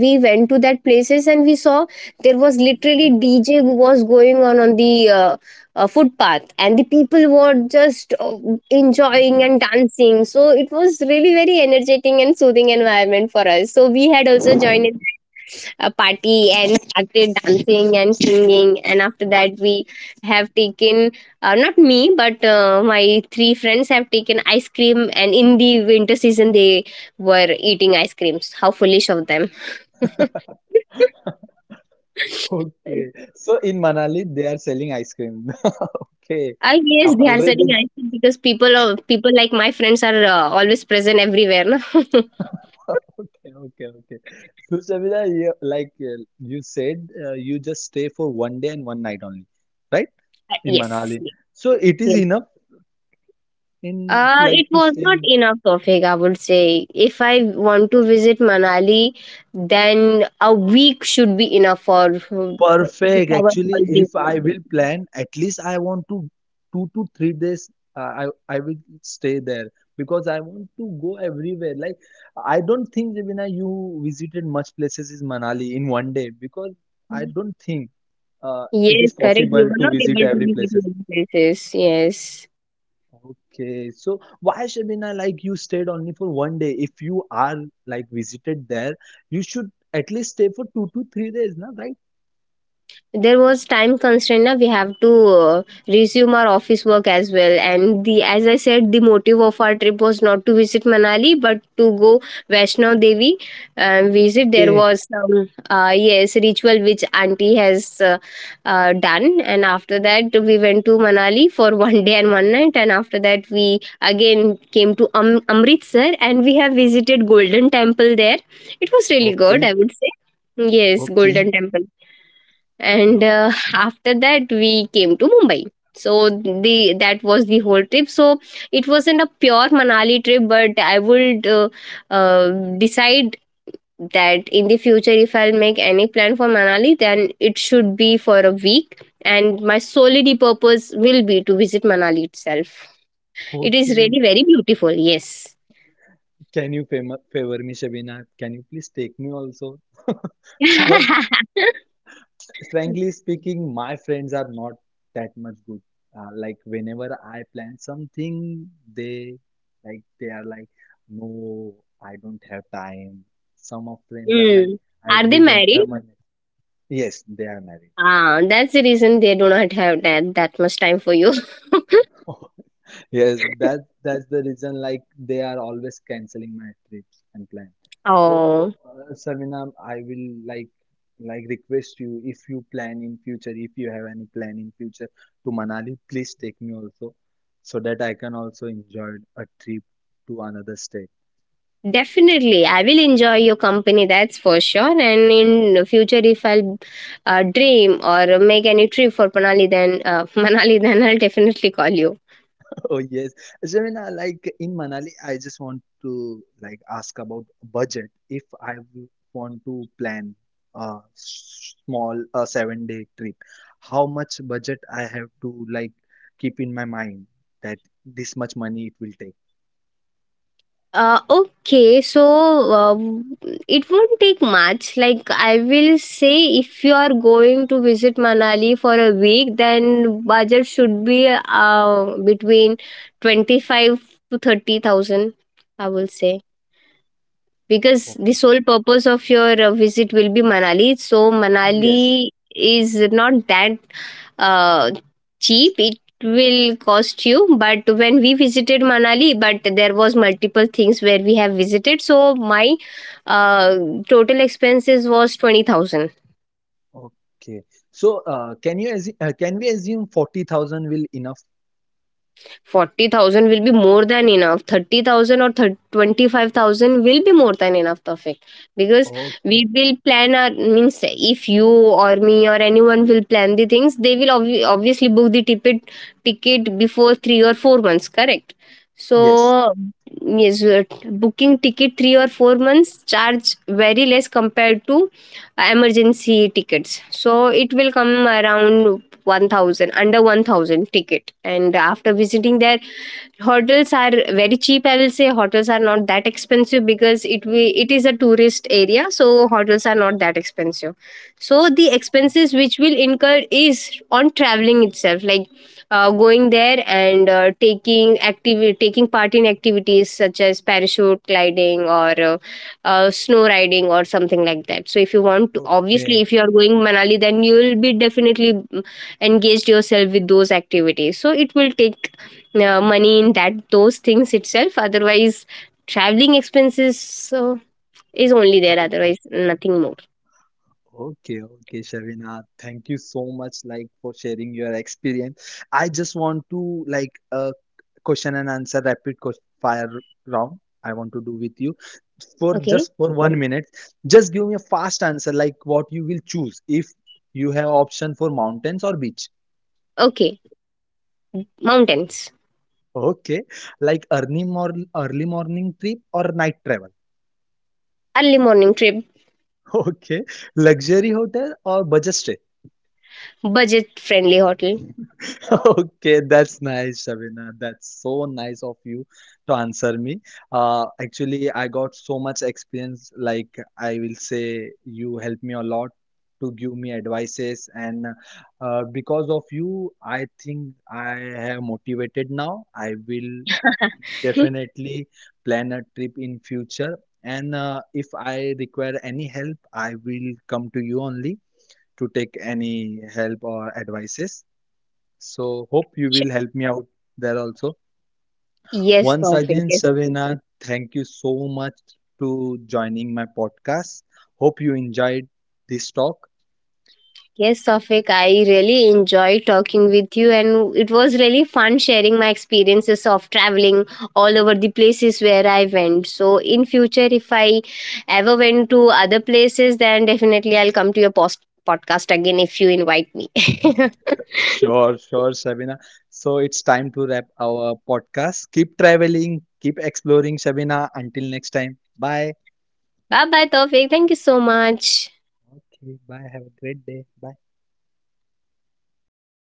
Speaker 2: we went to that places and we saw there was literally DJ was going on the footpath, and the people were just enjoying and dancing, so it was really very energetic and soothing environment for us, so we had also joined in a party and started dancing and singing, and after that we have taken not me, but my three friends have taken ice cream, and in the winter season they were eating ice creams. How foolish of them.
Speaker 1: okay. So in Manali, they are selling ice cream. Okay,
Speaker 2: I guess they are
Speaker 1: already.
Speaker 2: selling ice cream because people are, people like my friends are always present everywhere. No?
Speaker 1: Okay, okay. So Shabira, you, you said, you just stay for 1 day and one night only, right? In
Speaker 2: Yes.
Speaker 1: Manali.
Speaker 2: Yes.
Speaker 1: So it is
Speaker 2: Yes.
Speaker 1: enough in like
Speaker 2: It
Speaker 1: to
Speaker 2: was
Speaker 1: stay.
Speaker 2: not enough topic, I would say. If I want to visit Manali, then a week should be enough for to
Speaker 1: Perfect.
Speaker 2: cover
Speaker 1: Actually,
Speaker 2: all the.
Speaker 1: if I will plan, at least I want to 2 to 3 days. Uh, I will stay there because I want to go everywhere. Like I don't think Ravina, you visited much places in Manali in 1 day because I don't think it
Speaker 2: Yes,
Speaker 1: is
Speaker 2: correct. We
Speaker 1: possible
Speaker 2: were
Speaker 1: to
Speaker 2: not
Speaker 1: visit
Speaker 2: able to
Speaker 1: every
Speaker 2: visit
Speaker 1: places.
Speaker 2: many places. Yes.
Speaker 1: Okay, so why Shabina, like you stayed only for 1 day? If you are like visited there, you should at least stay for 2 to 3 days, na, right?
Speaker 2: There was time constraint na, we have to resume our office work as well, and the as I said the motive of our trip was not to visit Manali but to go Vaishnav Devi and visit there
Speaker 1: Okay,
Speaker 2: was some yes ritual which auntie has done, and after that we went to Manali for one day and one night, and after that we again came to Amritsar, and we have visited Golden Temple there. It was really good,
Speaker 1: okay,
Speaker 2: I would say. Yes,
Speaker 1: okay.
Speaker 2: Golden Temple.
Speaker 1: Okay,
Speaker 2: And
Speaker 1: okay.
Speaker 2: after that we came to Mumbai. So the that was the whole trip, so it wasn't a pure Manali trip, but I would uh, decide that in the future if I'll make any plan for Manali, then it should be for a week and my solely purpose will be to visit Manali itself. It is
Speaker 1: Okay,
Speaker 2: really very beautiful, yes.
Speaker 1: can you favor, favor me, Shabina? Can you please take me also? Because frankly speaking, my friends are not that much good. Like whenever I plan something, they like they are like, no, I don't have time. Some of friends are like,
Speaker 2: Mm. Are they
Speaker 1: we don't
Speaker 2: married?
Speaker 1: have money. Yes, they are married.
Speaker 2: Ah, that's the reason they do not have that much time for you.
Speaker 1: Yes, that that's the reason like they are always canceling my trips and plan.
Speaker 2: Oh,
Speaker 1: So, Sarvinam, I will like request you if you plan in future, if you have any plan in future to Manali, please take me also so that I can also enjoy a trip to another state.
Speaker 2: definitely. I will enjoy your company, that's for sure. And in future, if I'll dream or make any trip for Manali, then Manali, then I'll definitely call you.
Speaker 1: Oh yes, Jamina, like in Manali, I just want to like ask about budget. If I w- want to plan small a 7 day trip, how much budget I have to like keep in my mind that this much money it will take.
Speaker 2: Okay, so uh, it won't take much. Like I will say, if you are going to visit Manali for a week, then budget should be between 25 to 30,000. I will say. Because the
Speaker 1: Okay.
Speaker 2: sole purpose of your visit will be Manali. So
Speaker 1: Yes.
Speaker 2: Manali is not that uh, cheap. It will cost you. But when we visited Manali, but there was multiple things where we have visited. So my uh, total expenses was 20,000.
Speaker 1: Okay. So, can you assume, can we assume 40,000 will enough?
Speaker 2: 40,000 will be more than enough. 30,000 or thir 25,000 will be more than enough, Tawfiq, because we
Speaker 1: Okay.
Speaker 2: will plan our means if you or me or anyone will plan the things they will obviously book the ticket before 3 or 4 months, correct? So
Speaker 1: Yes.
Speaker 2: yes, booking ticket 3 or 4 months charge very less compared to emergency tickets, so it will come around 1000, under 1000 ticket. And after visiting there, hotels are very cheap, I will say. Hotels are not that expensive because it we it is a tourist area, so hotels are not that expensive. So the expenses which will incur is on traveling itself, like going there and taking activity taking part in activities such as parachute gliding, or snow riding or something like that. So if you want to, obviously,
Speaker 1: Okay.
Speaker 2: if you are going Manali, then you will be definitely engaged yourself with those activities. So it will take money in that those things itself. Otherwise, traveling expenses so is only there.
Speaker 1: Okay.
Speaker 2: Otherwise, nothing more.
Speaker 1: Okay, okay, Shavina. Thank you so much, like, for sharing your experience. I just want to like a question and answer fire round. I want to do with you for
Speaker 2: Okay.
Speaker 1: just for 1 minute. Just give me a fast answer, like what you will choose if you have option for mountains or beach.
Speaker 2: Okay. Mountains.
Speaker 1: Okay, like early morning trip or night travel.
Speaker 2: Early morning trip.
Speaker 1: Okay, luxury hotel or budget stay.
Speaker 2: Budget friendly hotel.
Speaker 1: Okay, that's nice, Shabina. That's so nice of you to answer me. Actually, I got so much experience. Like I will say, you helped me a lot to give me advices, and because of you, I think I have motivated now. I will definitely plan a trip in future. And if I require any help, I will come to you only to take any help or advices. So hope you will
Speaker 2: Sure.
Speaker 1: help me out there also.
Speaker 2: Yes,
Speaker 1: Once
Speaker 2: perfect.
Speaker 1: again,
Speaker 2: Yes.
Speaker 1: Savina, thank you so much to joining my podcast. Hope you enjoyed this talk.
Speaker 2: Yes, Safik, I really enjoy talking with you, and it was really fun sharing my experiences of traveling all over the places where I went. So, in future, if I ever went to other places, then definitely I'll come to your podcast again if you invite me.
Speaker 1: Sure, sure, Sabina. So it's time to wrap our podcast. Keep traveling, keep exploring, Sabina. Until next time. Bye.
Speaker 2: Bye bye, Tofik. Thank you so much.
Speaker 1: Okay, bye. Have a great day. Bye.